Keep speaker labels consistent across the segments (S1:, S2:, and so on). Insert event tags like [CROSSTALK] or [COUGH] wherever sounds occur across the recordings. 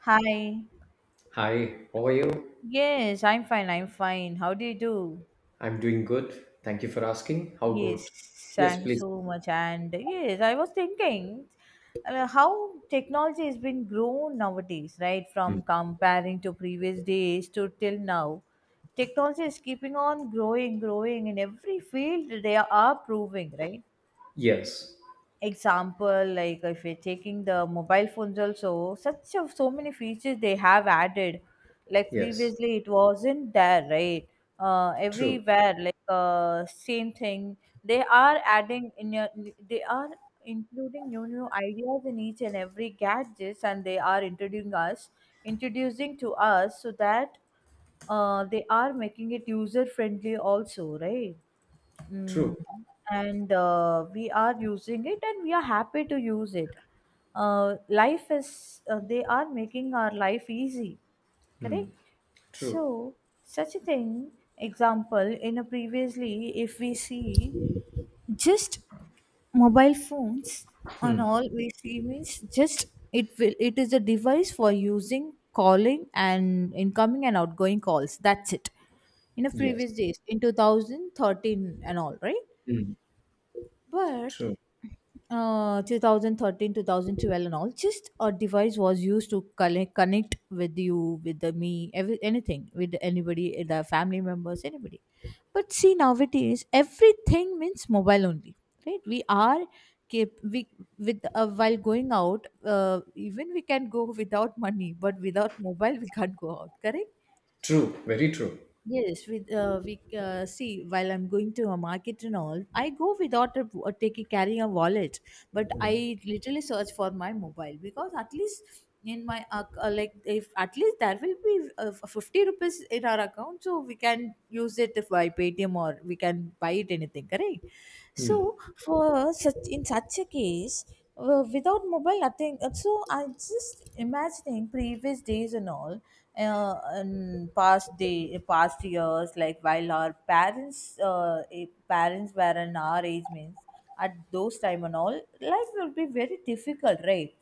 S1: Hi.
S2: Hi, how are you?
S1: Yes, I'm fine. I'm fine. How do you do?
S2: I'm doing good. Thank you for asking. How
S1: Yes,
S2: about? Yes,
S1: thank you
S2: please.
S1: so much. And yes, I was thinking how technology has been grown nowadays, right? From comparing to previous days to till now. Technology is keeping on growing, growing in every field they are proving, right?
S2: Yes,
S1: Example like if you're taking the mobile phones also such of so many features they have added like
S2: yes.
S1: previously it wasn't there, right?
S2: True,
S1: Everywhere like same thing they are adding in they are including new new ideas in each and every gadgets and they are introducing to us so that they are making it user friendly also, right? Mm.
S2: true.
S1: And we are using it and we are happy to use it. Life is, they are making our life easy, correct?
S2: Hmm. True.
S1: So, such a thing, example, in a previously, if we see just mobile phones on all we see means just it is a device for using calling and incoming and outgoing calls, that's it, in the
S2: Yes.
S1: previous days, in 2013 and all, right?
S2: Hmm.
S1: But
S2: True.
S1: 2013, 2012, and all, just a device was used to connect with you with the me every, anything, with anybody, the family members, anybody. But see, nowadays everything means mobile only, right? We are keep we with while going out, even we can go [LAUGHS] without money, but without mobile we can't go out, correct?
S2: True. Very true.
S1: Yes, with we see, while I'm going to a market and all, I go without a taking carrying a wallet, but
S2: Hmm.
S1: I literally search for my mobile because at least in my like, if at least there will be 50 rupees in our account, so we can use it if by paytm, or we can buy it anything, correct? So
S2: Hmm.
S1: for such a case, without mobile nothing. So I just imagining previous days and all, and past day, past years, like while our parents, parents were in our age means, at those time and all, life will be very difficult, right?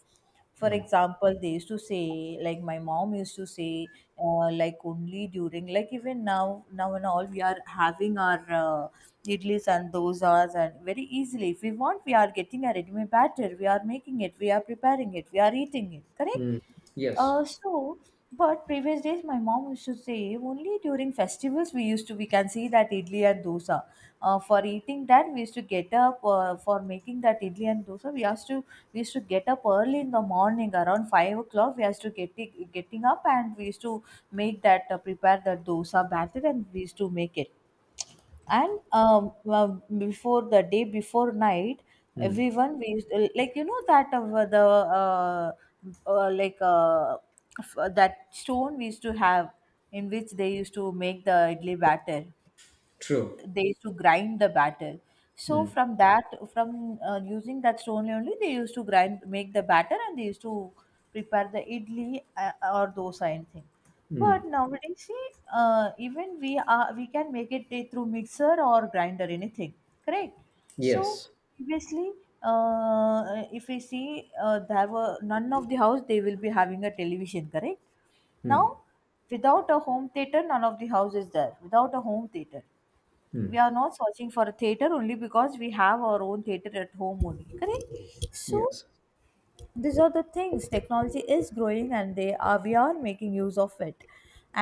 S1: For example, they used to say, like my mom used to say, like only during, like even now now and all we are having our idlis and dosas, and very easily if we want we are getting a ready-made batter, we are making it, we are preparing it, we are eating it, correct?
S2: Hmm. Yes.
S1: uh, so, but previous days, my mom used to say only during festivals we used to we can see that idli and dosa. For eating that, we used to get up for making that idli and dosa. We used to get up early in the morning around 5 o'clock. We used to getting up and we used to make that prepare the dosa batter and we used to make it. And well, before the day, before night, everyone we used to, like you know that of uh, like uh, that stone we used to have, in which they used to make the idli batter,
S2: True.
S1: they used to grind the batter. So
S2: Hmm.
S1: from that, from using that stone only, they used to grind make the batter and they used to prepare the idli or dosa anything. But
S2: Hmm.
S1: nowadays see, even we can make it through mixer or grinder anything, correct? So
S2: Yes.
S1: previously, uh, if we see, there were none of the house they will be having a television, correct? Now,
S2: Hmm.
S1: without a home theater, none of the house is there without a home theater. We
S2: Hmm.
S1: are not searching for a theater only because we have our own theater at home only, correct? So
S2: Yes.
S1: these are the things, technology is growing and they are we are making use of it.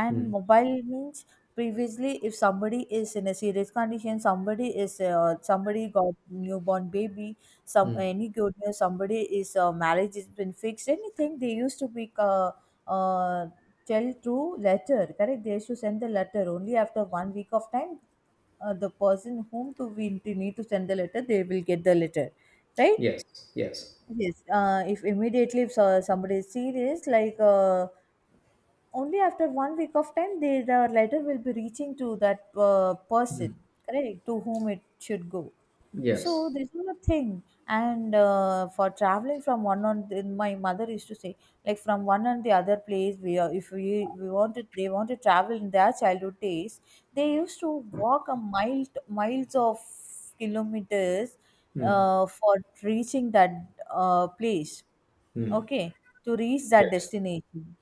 S1: And
S2: Hmm.
S1: mobile means, previously if somebody is in a serious condition, somebody is somebody got newborn baby, some any good news, somebody is marriage has been fixed, anything, they used to be uh, tell through letter, correct? They used to send the letter only after 1 week of time. The person whom to we need to send the letter, they will get the letter, right?
S2: Yes. Yes.
S1: Yes, if immediately if somebody is serious, like only after 1 week of time, the letter will be reaching to that person, correct, to whom it should go. So
S2: Yes.
S1: this is a thing. And for traveling from then my mother used to say, like from one and the other place, if we wanted, they want to travel in their childhood days, they used to walk miles of kilometers
S2: Hmm.
S1: for reaching that place.
S2: Hmm.
S1: Okay, to reach that
S2: Yes.
S1: destination.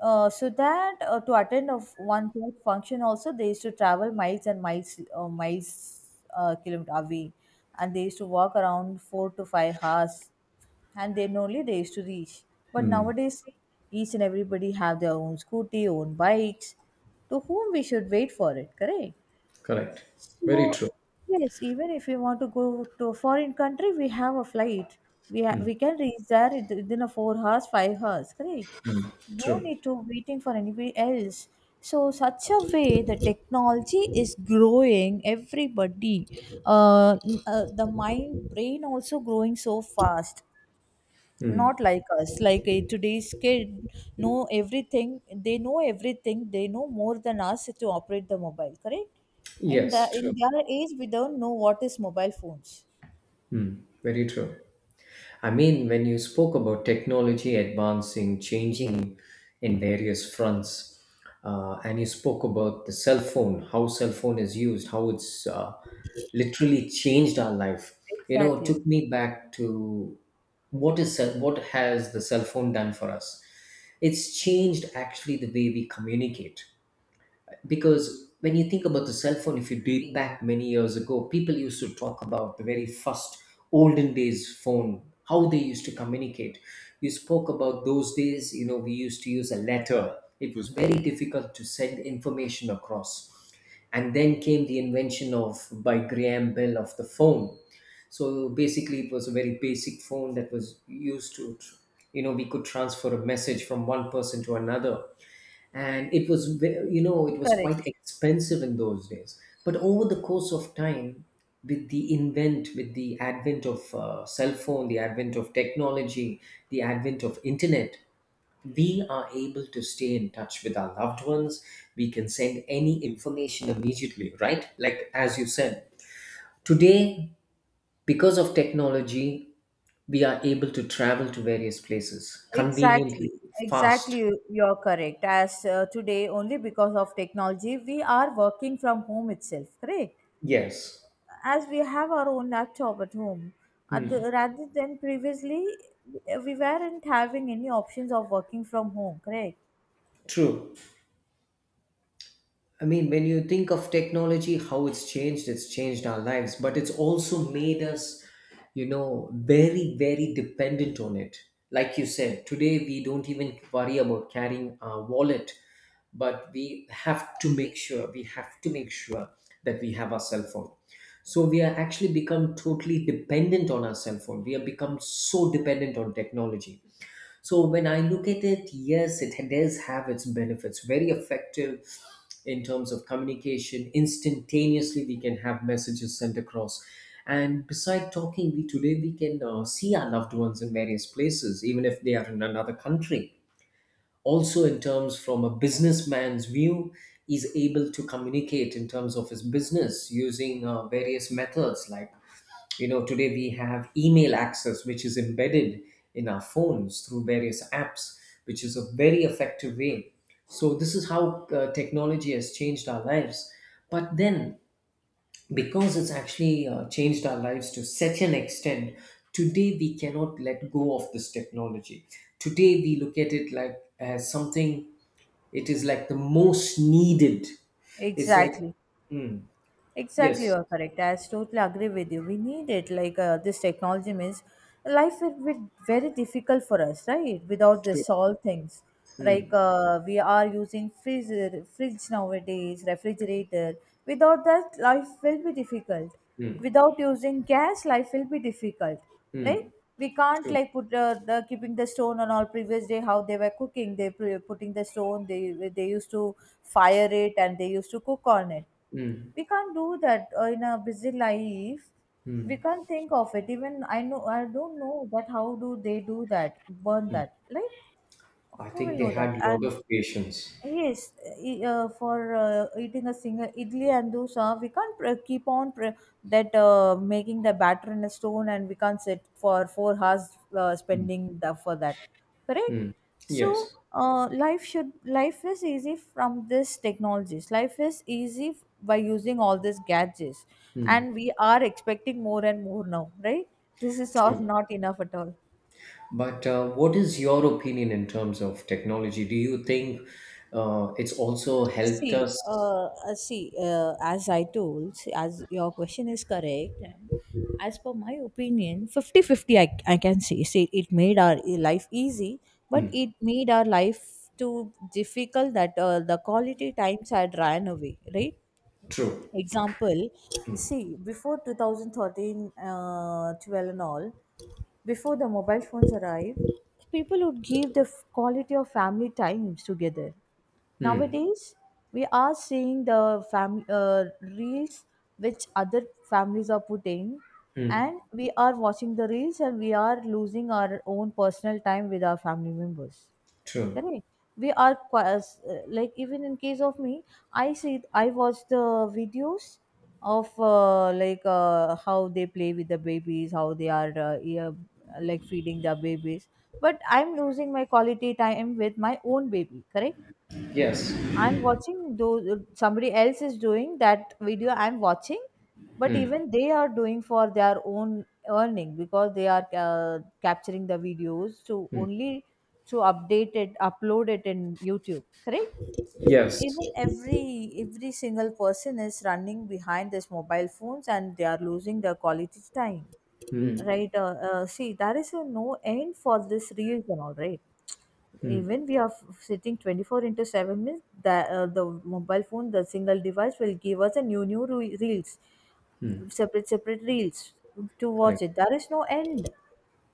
S1: So that to attend of one church function also, they used to travel miles and miles, kilometer away, and they used to walk around 4 to 5 hours and then only they used to reach. But nowadays, each and everybody have their own scooty, own bikes, to whom we should wait for it, correct?
S2: Correct. Very
S1: So
S2: true.
S1: yes, even if we want to go to a foreign country, we have a flight. We can reach there within a 4 hours, 5 hours, correct? No
S2: True.
S1: need to waiting for anybody else. So such a way the technology is growing everybody. The mind brain also growing so fast,
S2: Hmm.
S1: not like us, like today's kid know everything, they know everything, they know more than us to operate the mobile, correct? In
S2: Yes. True.
S1: their age we don't know what is mobile phones.
S2: Very true. I mean, when you spoke about technology advancing, changing in various fronts, and you spoke about the cell phone, how cell phone is used, how it's literally changed our life. You know, it took
S1: Exactly.
S2: me back to what is cell, what has the cell phone done for us? It's changed actually the way we communicate, because when you think about the cell phone, if you date back many years ago, people used to talk about the very first olden days phone, how they used to communicate. You spoke about those days. You know, we used to use a letter. It was very difficult to send information across, and then came the invention of by Graham Bell of the phone. So basically it was a very basic phone that was used to, you know, we could transfer a message from one person to another, and it was you know, it was quite
S1: Correct.
S2: expensive in those days. But over the course of time, with the advent of cell phone, the advent of technology, the advent of internet, we are able to stay in touch with our loved ones. We can send any information immediately, right? Like as you said, today, because of technology, we are able to travel to various places
S1: Exactly.
S2: conveniently
S1: Exactly.
S2: fast.
S1: You're correct. As today, only because of technology, we are working from home itself. Correct.
S2: Yes.
S1: As we have our own laptop at home,
S2: Hmm.
S1: rather than previously, we weren't having any options of working from home. Correct.
S2: True. I mean, when you think of technology, how it's changed our lives, but it's also made us, you know, very, very dependent on it. Like you said, today we don't even worry about carrying our wallet, but we have to make sure that we have our cell phone. So we are actually become totally dependent on our cell phone. We have become so dependent on technology. So when I look at it, yes, it does have its benefits. Very effective in terms of communication. Instantaneously, we can have messages sent across. And beside talking, we today we can see our loved ones in various places, even if they are in another country. Also, in terms from a businessman's view, is able to communicate in terms of his business using various methods like, you know, today we have email access, which is embedded in our phones through various apps, which is a very effective way. So, this is how technology has changed our lives. But then, because it's actually changed our lives to such an extent, today we cannot let go of this technology. Today we look at it like as something, it is like the most needed. It's like,
S1: Exactly.
S2: mm,
S1: Exactly, you
S2: yes,
S1: are correct. I totally agree with you. We need it. Like this technology means life will be very difficult for us, right? Without
S2: true.
S1: this, all things like
S2: Mm,
S1: we are using freezer, fridge nowadays, refrigerator. Without that, life will be difficult.
S2: mm,
S1: Without using gas, life will be difficult. Like
S2: mm,
S1: we can't
S2: true.
S1: like put the keeping the stone on all previous day how they were cooking. They putting the stone. They used to fire it and they used to cook on it.
S2: Mm.
S1: We can't do that in a busy life. We
S2: Hmm.
S1: can't think of it. Even I don't know that how do they do that, burn that. Like,
S2: I
S1: who will
S2: think they
S1: know that?
S2: had a lot
S1: And
S2: of patience.
S1: yes, for eating a single idli and dosa, we can't that making the batter in a stone, and we can't sit for 4 hours spending the, for that. Correct.
S2: Hmm.
S1: So,
S2: Yes,
S1: life is easy from this technologies. Life is easy by using all these gadgets, and we are expecting more and more now, right? This is
S2: true.
S1: not enough at all.
S2: But what is your opinion in terms of technology? Do you think it's also helped
S1: See,
S2: us?
S1: see, as I told, see, as your question is correct, and as per my opinion, 50-50. I can say. Say it made our life easy, but it made our life too difficult that the quality times had ran away, right?
S2: True.
S1: Example, see, before 2013 12 and all, before the mobile phones arrived, people would give the quality of family times together.
S2: Hmm.
S1: Nowadays we are seeing the family reels which other families are putting,
S2: Hmm.
S1: and we are watching the reels and we are losing our own personal time with our family members,
S2: True.
S1: correct? We are like even in case of me, I see I watch the videos of like how they play with the babies, how they are yeah, like feeding their babies. But I'm losing my quality time with my own baby, correct?
S2: Yes.
S1: I'm watching those, somebody else is doing that video I'm watching, but
S2: Hmm.
S1: even they are doing for their own earning, because they are capturing the videos to
S2: Hmm.
S1: only to update it, upload it in YouTube, correct?
S2: Yes.
S1: Even every single person is running behind these mobile phones and they are losing their quality time.
S2: Hmm.
S1: Right? See, there is a no end for this reels and all, right?
S2: Hmm.
S1: Even we are sitting 24 into 7 minutes, that the mobile phone, the single device, will give us a new reels,
S2: Hmm.
S1: separate reels to watch
S2: Correct.
S1: it, there is no end.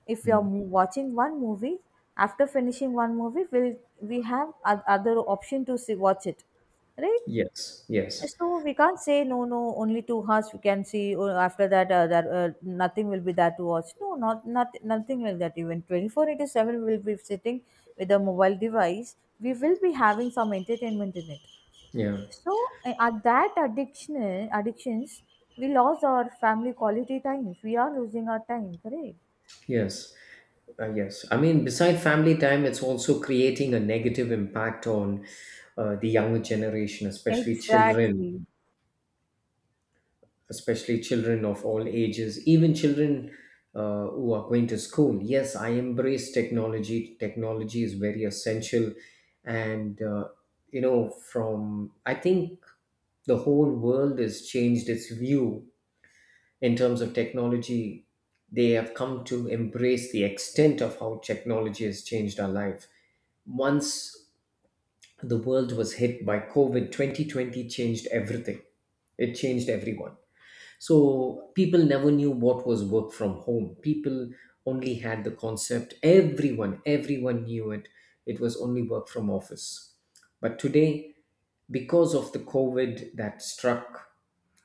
S1: If you are
S2: Hmm.
S1: watching one movie, after finishing one movie, will we have other option to see watch it, right?
S2: Yes. Yes.
S1: So we can't say no, no, only 2 hours we can see. Or after that, nothing will be there to watch. No, not nothing like that. Even 24 into seven, we'll be sitting with a mobile device. We will be having some entertainment in it.
S2: Yeah.
S1: So at that addictions, we lost our family quality times. We are losing our time, correct?
S2: Yes. Yes. I mean, beside family time, it's also creating a negative impact on the younger generation,
S1: Exactly.
S2: especially children of all ages, even children who are going to school. Yes, I embrace technology. Technology is very essential. And, you know, I think the whole world has changed its view in terms of technology. They have come to embrace the extent of how technology has changed our life. Once the world was hit by covid 2020, changed everything. It changed everyone. So people never knew what was work from home. People only had the concept everyone Everyone knew it. It was only work from office. But today, because of the covid that struck,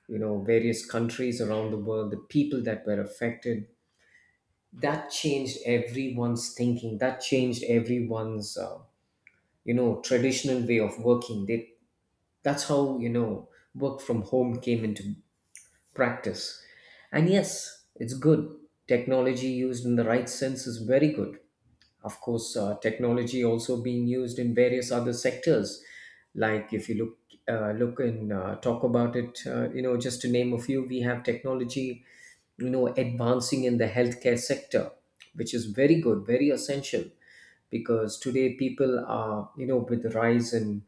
S2: you know, various countries around the world, the people that were affected, that changed everyone's thinking, that changed everyone's you know, traditional way of working. They That's how, you know, work from home came into practice. And yes, it's good. Technology used in the right sense is very good. Of course, technology also being used in various other sectors. Like if you look, look and talk about it, you know, just to name a few, we have technology, you know, advancing in the healthcare sector, which is very good, very essential, because today people are, you know, with the rise in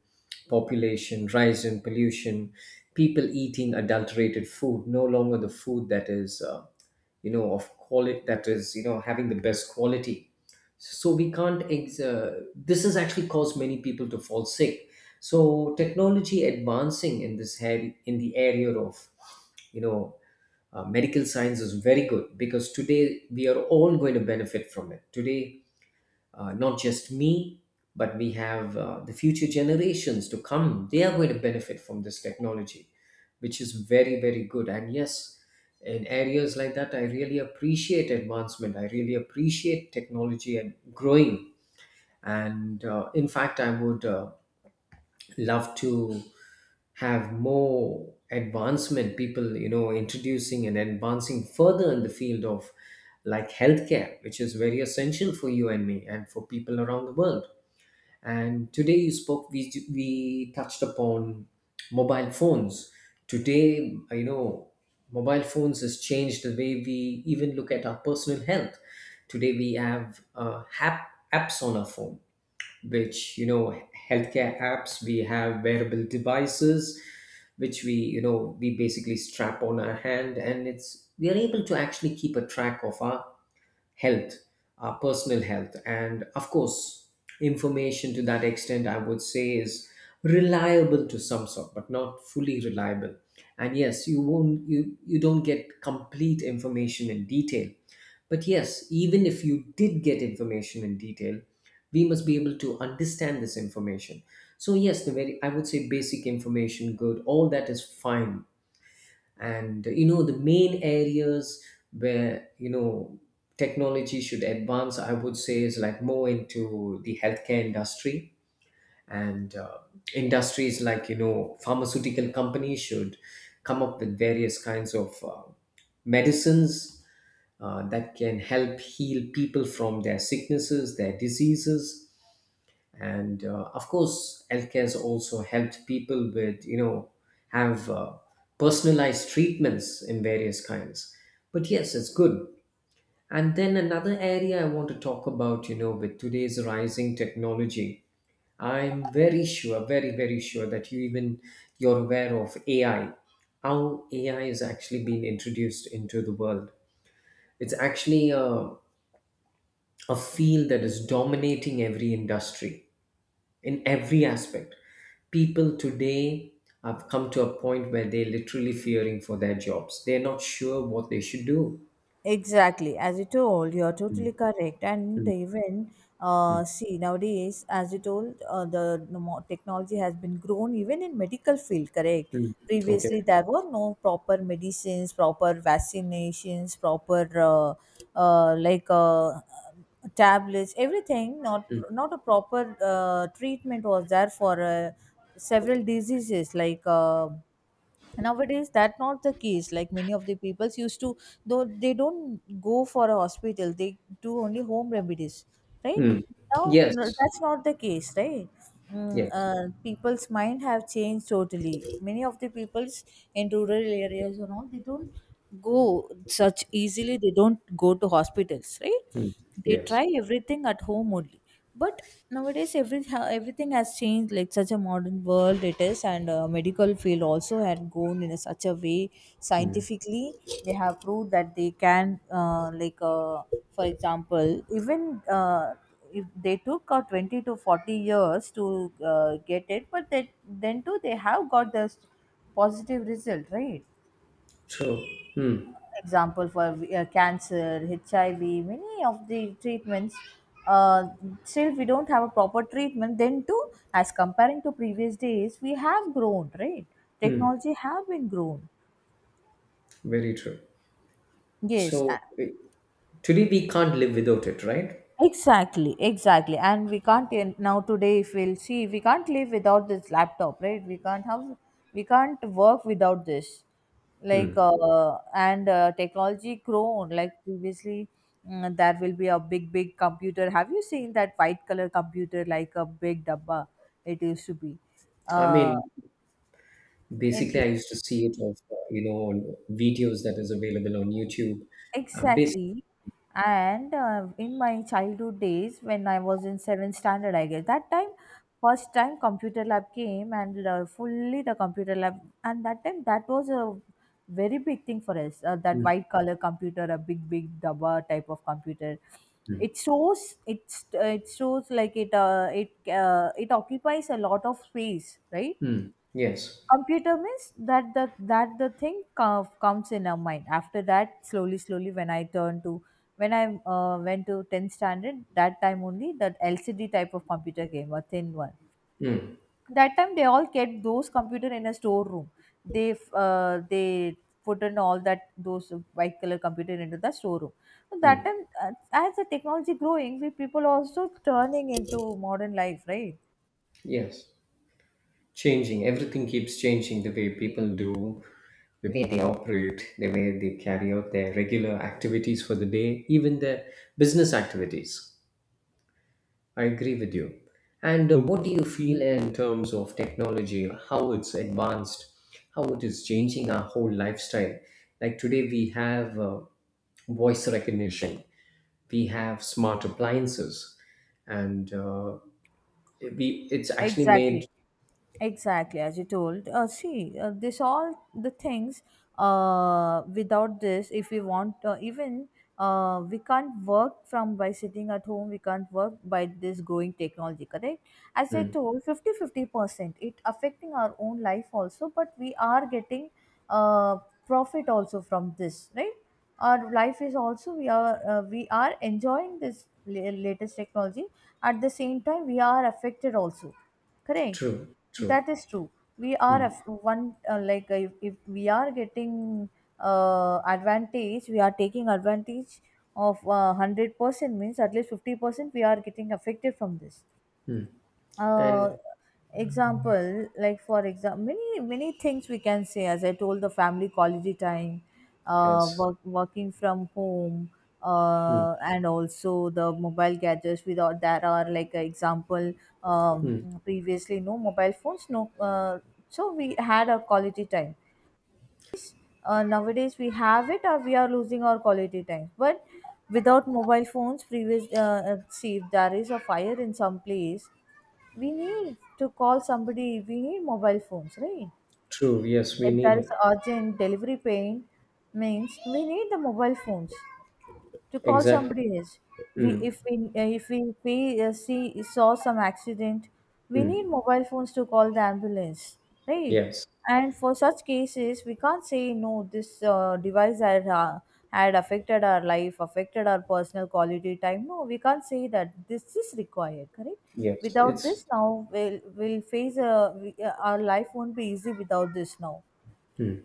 S2: population, rise in pollution, people eating adulterated food, no longer the food that is you know, of quality, that is, you know, having the best quality. So we can't this has actually caused many people to fall sick. So technology advancing in this head, in the area of, you know, medical science is very good, because today we are all going to benefit from it. Today, not just me, but we have the future generations to come. They are going to benefit from this technology, which is very, very good. And yes, in areas like that, I really appreciate advancement. I really appreciate technology and growing. And in fact, I would love to have more advancement, people, you know, introducing and advancing further in the field of like healthcare, which is very essential for you and me and for people around the world. And today, you spoke, we touched upon mobile phones. Today, you know, mobile phones has changed the way we even look at our personal health. Today we have apps on our phone, which, you know, healthcare apps. We have wearable devices, which we you know we basically strap on our hand, and it's we are able to actually keep a track of our health, our personal health. And of course, information to that extent, I would say, is reliable to some sort, but not fully reliable. And yes, you, you don't get complete information in detail. But yes, even if you did get information in detail, we must be able to understand this information. So yes, the very, I would say, basic information, good, all that is fine. And you know, the main areas where, you know, technology should advance, I would say, is like more into the healthcare industry. And industries like, you know, pharmaceutical companies should come up with various kinds of medicines that can help heal people from their sicknesses, their diseases. And of course, healthcare has also helped people with, you know, have personalized treatments in various kinds. But yes, it's good. And then another area I want to talk about, you know, with today's rising technology, I'm very sure, very very sure, that you're aware of AI, how AI has actually been introduced into the world. It's actually a field that is dominating every industry in every aspect. People today have come to a point where they're literally fearing for their jobs. They're not sure what they should do.
S1: Exactly, as you told, you're totally correct. And
S2: Mm,
S1: even see nowadays, as you told, the technology has been grown even in medical field. Correct.
S2: mm, okay,
S1: Previously, there were no proper medicines, proper vaccinations, proper uh, like uh, tablets, everything. Not a proper treatment was there for several diseases like. Nowadays that not the case, like many of the peoples used to, though they don't go for a hospital, they do only home remedies, right?
S2: mm,
S1: Now
S2: yes,
S1: no, that's not the case, right?
S2: yes,
S1: People's mind have changed totally. Many of the peoples in rural areas and all, they don't go such easily, they don't go to hospitals, right?
S2: mm,
S1: They
S2: yes,
S1: try everything at home only. But nowadays everything has changed, like such a modern world it is, and medical field also had gone in a, such a way, scientifically. They have proved that they can for example, even if they took 20 to 40 years to get it, but then too they have got this positive result, right?
S2: true. Hmm.
S1: Example for cancer, HIV, many of the treatments. Uh, Still, we don't have a proper treatment. Then too, as comparing to previous days, we have grown, right?
S2: Hmm.
S1: Technology have been grown.
S2: Very true.
S1: Yes,
S2: So
S1: a-
S2: today we can't live without it, right?
S1: Exactly, exactly. And we can't in- now today if we'll see, we can't live without this laptop, right? We can't work without this. Like and technology grown like previously there will be a big big computer. Have you seen that white color computer like a big dabba? It used to be.
S2: I
S1: Uh,
S2: mean,
S1: in
S2: basically, I used to see it of, you know, on videos that is available on YouTube. Basically,
S1: Exactly. And in my childhood days, when I was in seventh standard, I guess, that time, first time computer lab came and fully the computer lab, and that time that was a very big thing for us. That white
S2: mm,
S1: color computer, a big big dabba type of computer. It shows it's it shows like it occupies a lot of space, right?
S2: mm, yes.
S1: Computer means that the that the thing comes in our mind. After that, slowly slowly, when I turn to when I went to 10th standard, that time only that LCD type of computer came, a thin one.
S2: Hmm.
S1: That time they all kept those computer in a storeroom. they they put in all that those white color computer into the storeroom. So that
S2: Hmm.
S1: time as the technology growing, we people also turning into modern life, right?
S2: Yes. Changing everything keeps changing the way people do, the way they operate, the way they carry out their regular activities for the day, even their business activities. I agree with you. And what do you feel in terms of technology, how it's advanced, how it is changing our whole lifestyle? Like today we have voice recognition, we have smart appliances, and we, it's actually
S1: Exactly.
S2: made,
S1: Exactly, as you told. See, this all the things. Without this, if we want, even we can't work from by sitting at home. We can't work by this growing technology. Correct? As I
S2: mm,
S1: told, 50 50 percent. It affecting our own life also, but we are getting uh, profit also from this, right? Our life is also we are enjoying this latest technology. At the same time, we are affected also. Correct,
S2: true, true.
S1: that is true. We are
S2: Mm.
S1: af- one like if we are getting advantage, we are taking advantage of 100% means at least 50% we are getting affected from this.
S2: Mm.
S1: uh,
S2: And
S1: Example, like for example, many many things we can say, as I told, the family quality time,
S2: yes,
S1: work, working from home,
S2: mm,
S1: and also the mobile gadgets, without that are like a example. um,
S2: mm,
S1: Previously no mobile phones, no so we had a quality time. Nowadays we have it, or we are losing our quality time. But without mobile phones previous, see, if there is a fire in some place, we need to call somebody, we need mobile phones, right?
S2: true. Yes, we
S1: If
S2: need
S1: there is
S2: it.
S1: urgent delivery pain, means we need the mobile phones to call
S2: Exactly.
S1: somebody else. We
S2: Mm,
S1: if we if we, If we see saw some accident, we need
S2: mm,
S1: mobile phones to call the ambulance, right?
S2: yes,
S1: And for such cases, we can't say no. This device had had affected our life, affected our personal quality time. No, we can't say that. This is required, correct?
S2: yes.
S1: Without
S2: It's
S1: this, now we'll face a, we, our life won't be easy without this. Now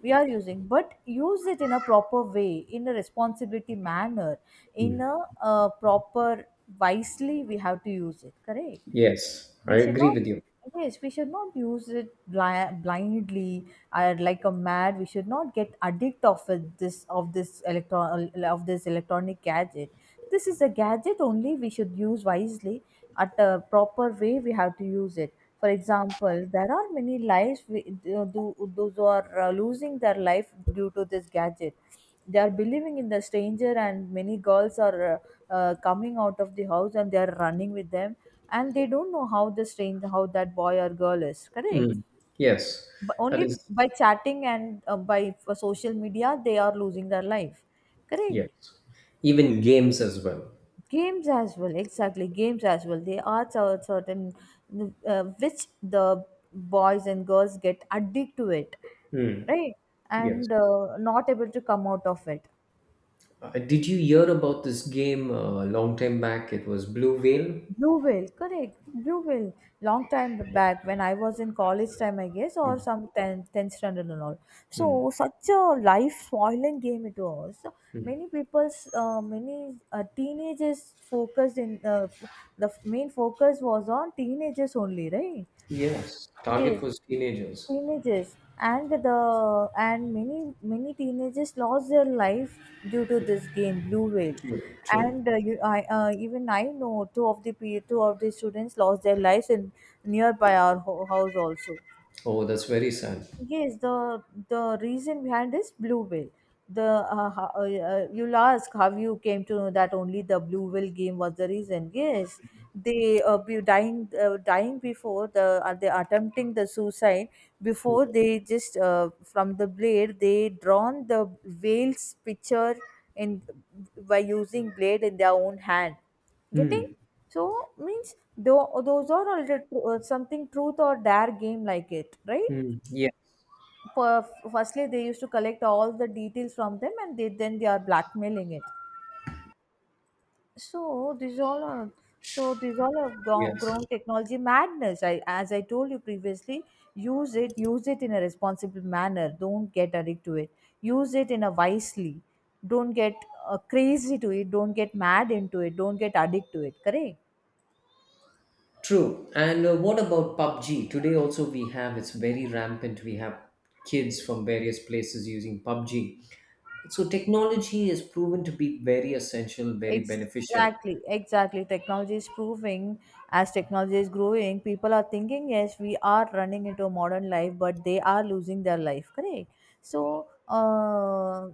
S1: we are using, but use it in a proper way, in a responsibility manner, in a proper, wisely we have to use it, correct?
S2: yes. I
S1: We should
S2: agree
S1: not
S2: with you.
S1: Yes, we should not use it blindly, like a mad. We should not get addict of it- this of this electron of this electronic gadget. This is a gadget only, we should use wisely, at a proper way we have to use it. For example, there are many lives uh, do, those who are losing their life due to this gadget. They are believing in the stranger, and many girls are coming out of the house and they are running with them, and they don't know how the strange how that boy or girl is, correct?
S2: Mm, yes,
S1: But
S2: that
S1: only
S2: is
S1: by chatting and by for social media, they are losing their life. Correct.
S2: yes. Even games as well.
S1: Games as well, exactly, games as well. They are certain which the boys and girls get addicted to it,
S2: Mm,
S1: right?
S2: yes.
S1: And not able to come out of it.
S2: Did you hear about this game a long time back? It was Blue Whale.
S1: Blue whale, correct. Blue whale. Long time back when I was in college time, I guess, or
S2: Mm,
S1: some 10th standard and all. So,
S2: mm.
S1: such a life spoiling game it was. So, many teenagers focused in, main focus was on teenagers only, right?
S2: Yes,
S1: Yes,
S2: target was teenagers.
S1: teenagers. And many teenagers lost their life due to this game blue whale.
S2: True, true.
S1: And even I know two of the two of the students lost their lives in nearby our house also.
S2: Oh, that's very sad.
S1: Yes, the reason behind this blue whale. The you'll ask how you came to know that only the blue whale game was the reason. Yes, they be dying dying before the, are they attempting the suicide before, they just from the blade they drawn the whale's picture in by using blade in their own hand. Getting,
S2: Hmm.
S1: so means, though those are already something truth or dare game like it, right?
S2: Hmm. Yeah.
S1: per- Firstly they used to collect all the details from them, and they then they are blackmailing it. so these all are so these all are gone,
S2: Yes.
S1: grown technology madness. I, as I told you previously, use it, use it in a responsible manner, don't get addicted to it, use it in a wisely, don't get crazy to it, don't get mad into it, don't get addicted to it, correct?
S2: True. And what about PUBG? Today also we have, it's very rampant. We have kids from various places using PUBG. So technology is proven to be very essential, very beneficial.
S1: Exactly, exactly. Technology is proving, as technology is growing, people are thinking, yes, we are running into a modern life, but they are losing their life. Correct. So,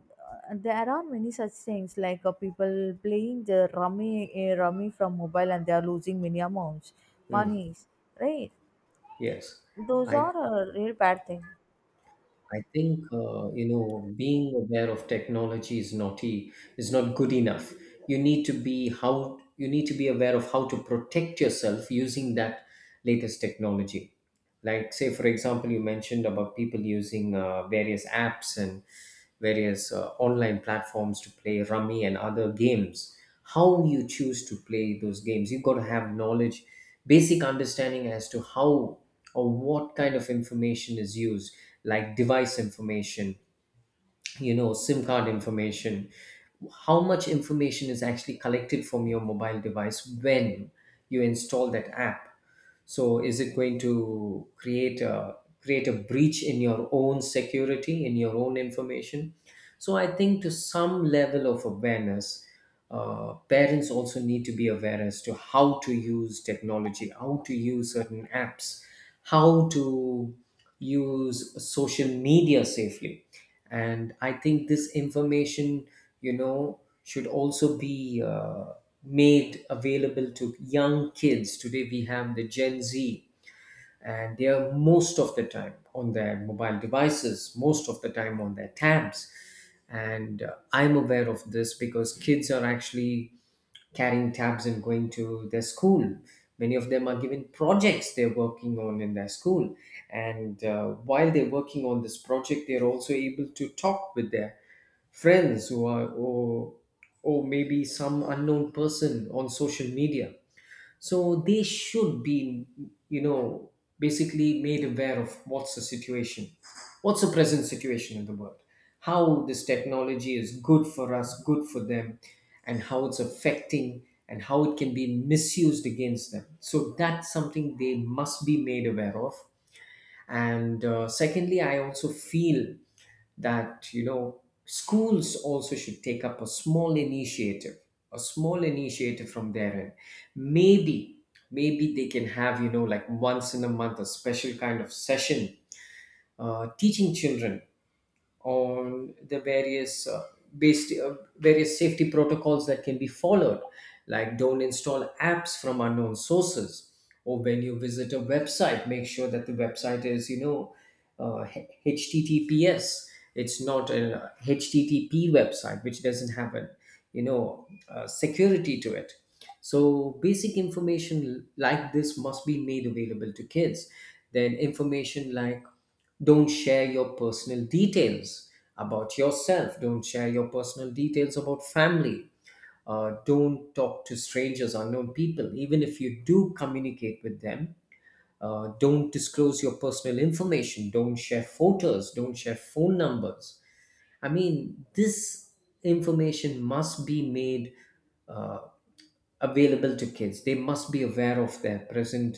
S1: there are many such things, like people playing the rummy, rummy from mobile and they are losing many amounts,
S2: Mm,
S1: monies, right?
S2: yes,
S1: Those
S2: I
S1: are a real bad thing.
S2: I think you know, being aware of technology is naughty is not good enough. You need to be, how you need to be aware of how to protect yourself using that latest technology. Like say for example you mentioned about people using various apps and various online platforms to play rummy and other games. How you choose to play those games, you've got to have knowledge, basic understanding as to how or what kind of information is used, like device information, you know, sim card information, how much information is actually collected from your mobile device when you install that app. So is it going to create a breach in your own security, in your own information? So I think to some level of awareness, parents also need to be aware as to how to use technology, how to use certain apps, how to use social media safely. And I think this information, you know, should also be made available to young kids. Today we have the gen z, and they are most of the time on their mobile devices, most of the time on their tabs. And I'm aware of this because kids are actually carrying tabs and going to their school. Many of them are given projects they're working on in their school. And while they're working on this project, they're also able to talk with their friends who are, or maybe some unknown person on social media. So they should be, you know, basically made aware of what's the situation, what's the present situation in the world, how this technology is good for us, good for them, and how it's affecting and how it can be misused against them. So that's something they must be made aware of. And secondly, I also feel that, you know, schools also should take up a small initiative, from their end. Maybe they can have, you know, like once in a month a special kind of session teaching children on the various based various safety protocols that can be followed, like don't install apps from unknown sources, or when you visit a website, make sure that the website is, you know, uh, https. It's not a http website which doesn't have a, you know, security to it. So basic information like this must be made available to kids. Then information like don't share your personal details about yourself, don't share your personal details about family, don't talk to strangers, unknown people. Even if you do communicate with them, don't disclose your personal information, don't share photos, don't share phone numbers. I mean, this information must be made uh, available to kids. They must be aware of their present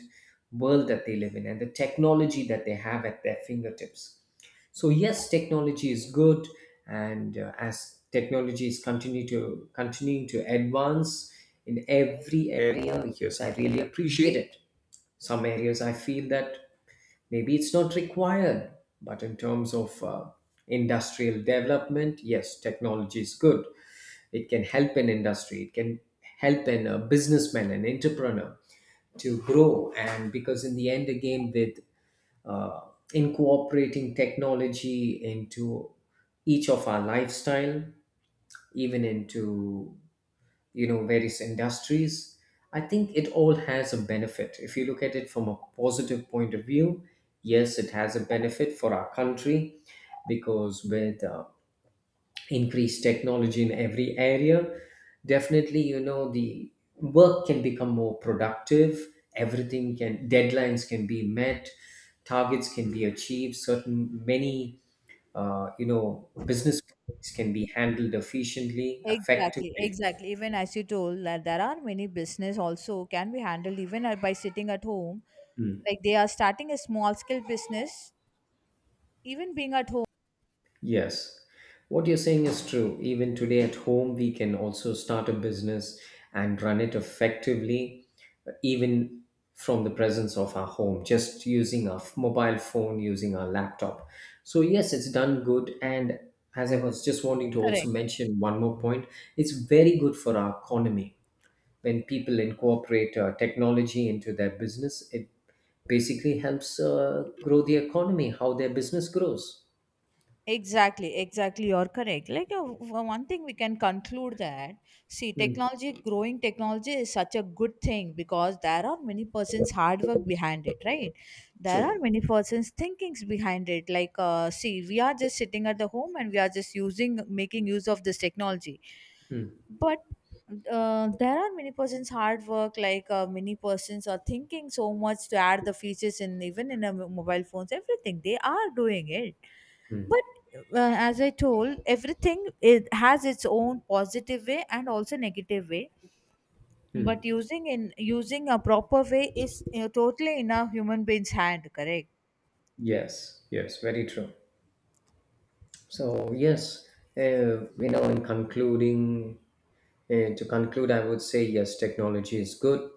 S2: world that they live in and the technology that they have at their fingertips. So yes, technology is good, and as technology is continue to continuing to advance in every area, yes, I really appreciate it. Some areas I feel that maybe it's not required, but in terms of industrial development, yes, technology is good. It can help an industry. It can help an a businessman, an entrepreneur to grow. And because in the end, again, with uh, incorporating technology into each of our lifestyle, even into, you know, various industries, I think it all has a benefit if you look at it from a positive point of view. Yes, it has a benefit for our country, because with increased technology in every area, definitely, you know, the work can become more productive. Everything can, deadlines can be met, targets can be achieved. Certain many you know business can be handled efficiently,
S1: Exactly,
S2: effectively.
S1: exactly. Even as you told, that there are many business also can be handled even by sitting at home. Like they are starting a small scale business, even being at home.
S2: Yes, what you're saying is true. Even today at home, we can also start a business and run it effectively, even from the presence of our home, just using our mobile phone, using our laptop. So, yes, it's done good. And as I was just wanting to also
S1: Correct.
S2: mention one more point, it's very good for our economy. When people incorporate technology into their business, it basically helps grow the economy, how their business grows.
S1: Exactly, exactly. You're correct. Like one thing we can conclude, that see,
S2: Mm,
S1: technology, growing technology is such a good thing because there are many persons' hard work behind it, right? There are
S2: true.
S1: many persons' thinkings behind it. Like, see, we are just sitting at the home and we are just using making use of this technology.
S2: Hmm.
S1: But there are many persons hard work, like many persons are thinking so much to add the features in even in a mobile phones, everything they are doing it.
S2: Mm.
S1: But as I told, everything it has its own positive way and also negative way. But using a proper way is totally in a human being's hand, correct?
S2: Yes, yes, very true. So, yes, uh, you know, in concluding, to conclude, I would say yes, technology is good.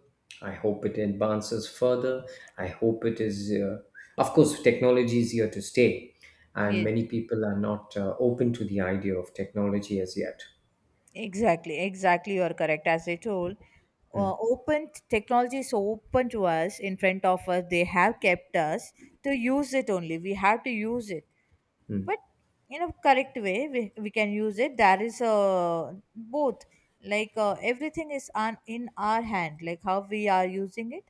S2: I hope it advances further. I hope it is, of course, technology is here to stay, and
S1: Yes.
S2: many people are not open to the idea of technology as yet.
S1: Exactly, exactly. You are correct. As I told, technology is so open to us, in front of us. They have kept us to use it only. We have to use it,
S2: Mm,
S1: but in a correct way, we can use it. There is a both, like everything is on in our hand, like how we are using it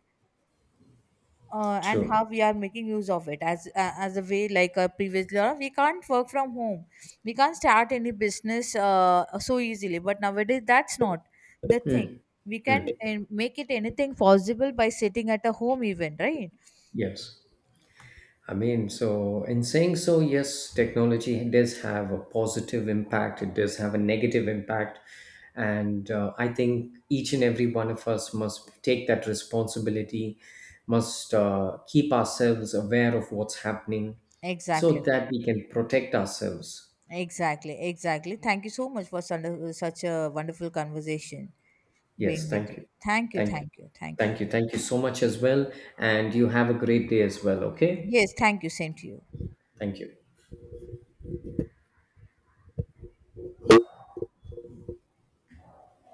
S1: and
S2: true.
S1: how we are making use of it, as a way. Like a previous law, we can't work from home, we can't start any business so easily, but nowadays that's not the thing.
S2: Mm,
S1: We can
S2: mm,
S1: make it anything possible by sitting at a home even, right?
S2: yes. I mean, so in saying so, yes, technology does have a positive impact, it does have a negative impact. And I think each and every one of us must take that responsibility, must keep ourselves aware of what's happening, so
S1: exactly
S2: that we can protect ourselves.
S1: exactly. Thank you so much for such a wonderful conversation being
S2: Yes,
S1: with
S2: thank
S1: you.
S2: you.
S1: thank you
S2: Thank you.
S1: thank you thank you.
S2: Thank you. Thank you so much as well. And you have a great day as well. Okay.
S1: Yes, thank you, same to you.
S2: Thank you.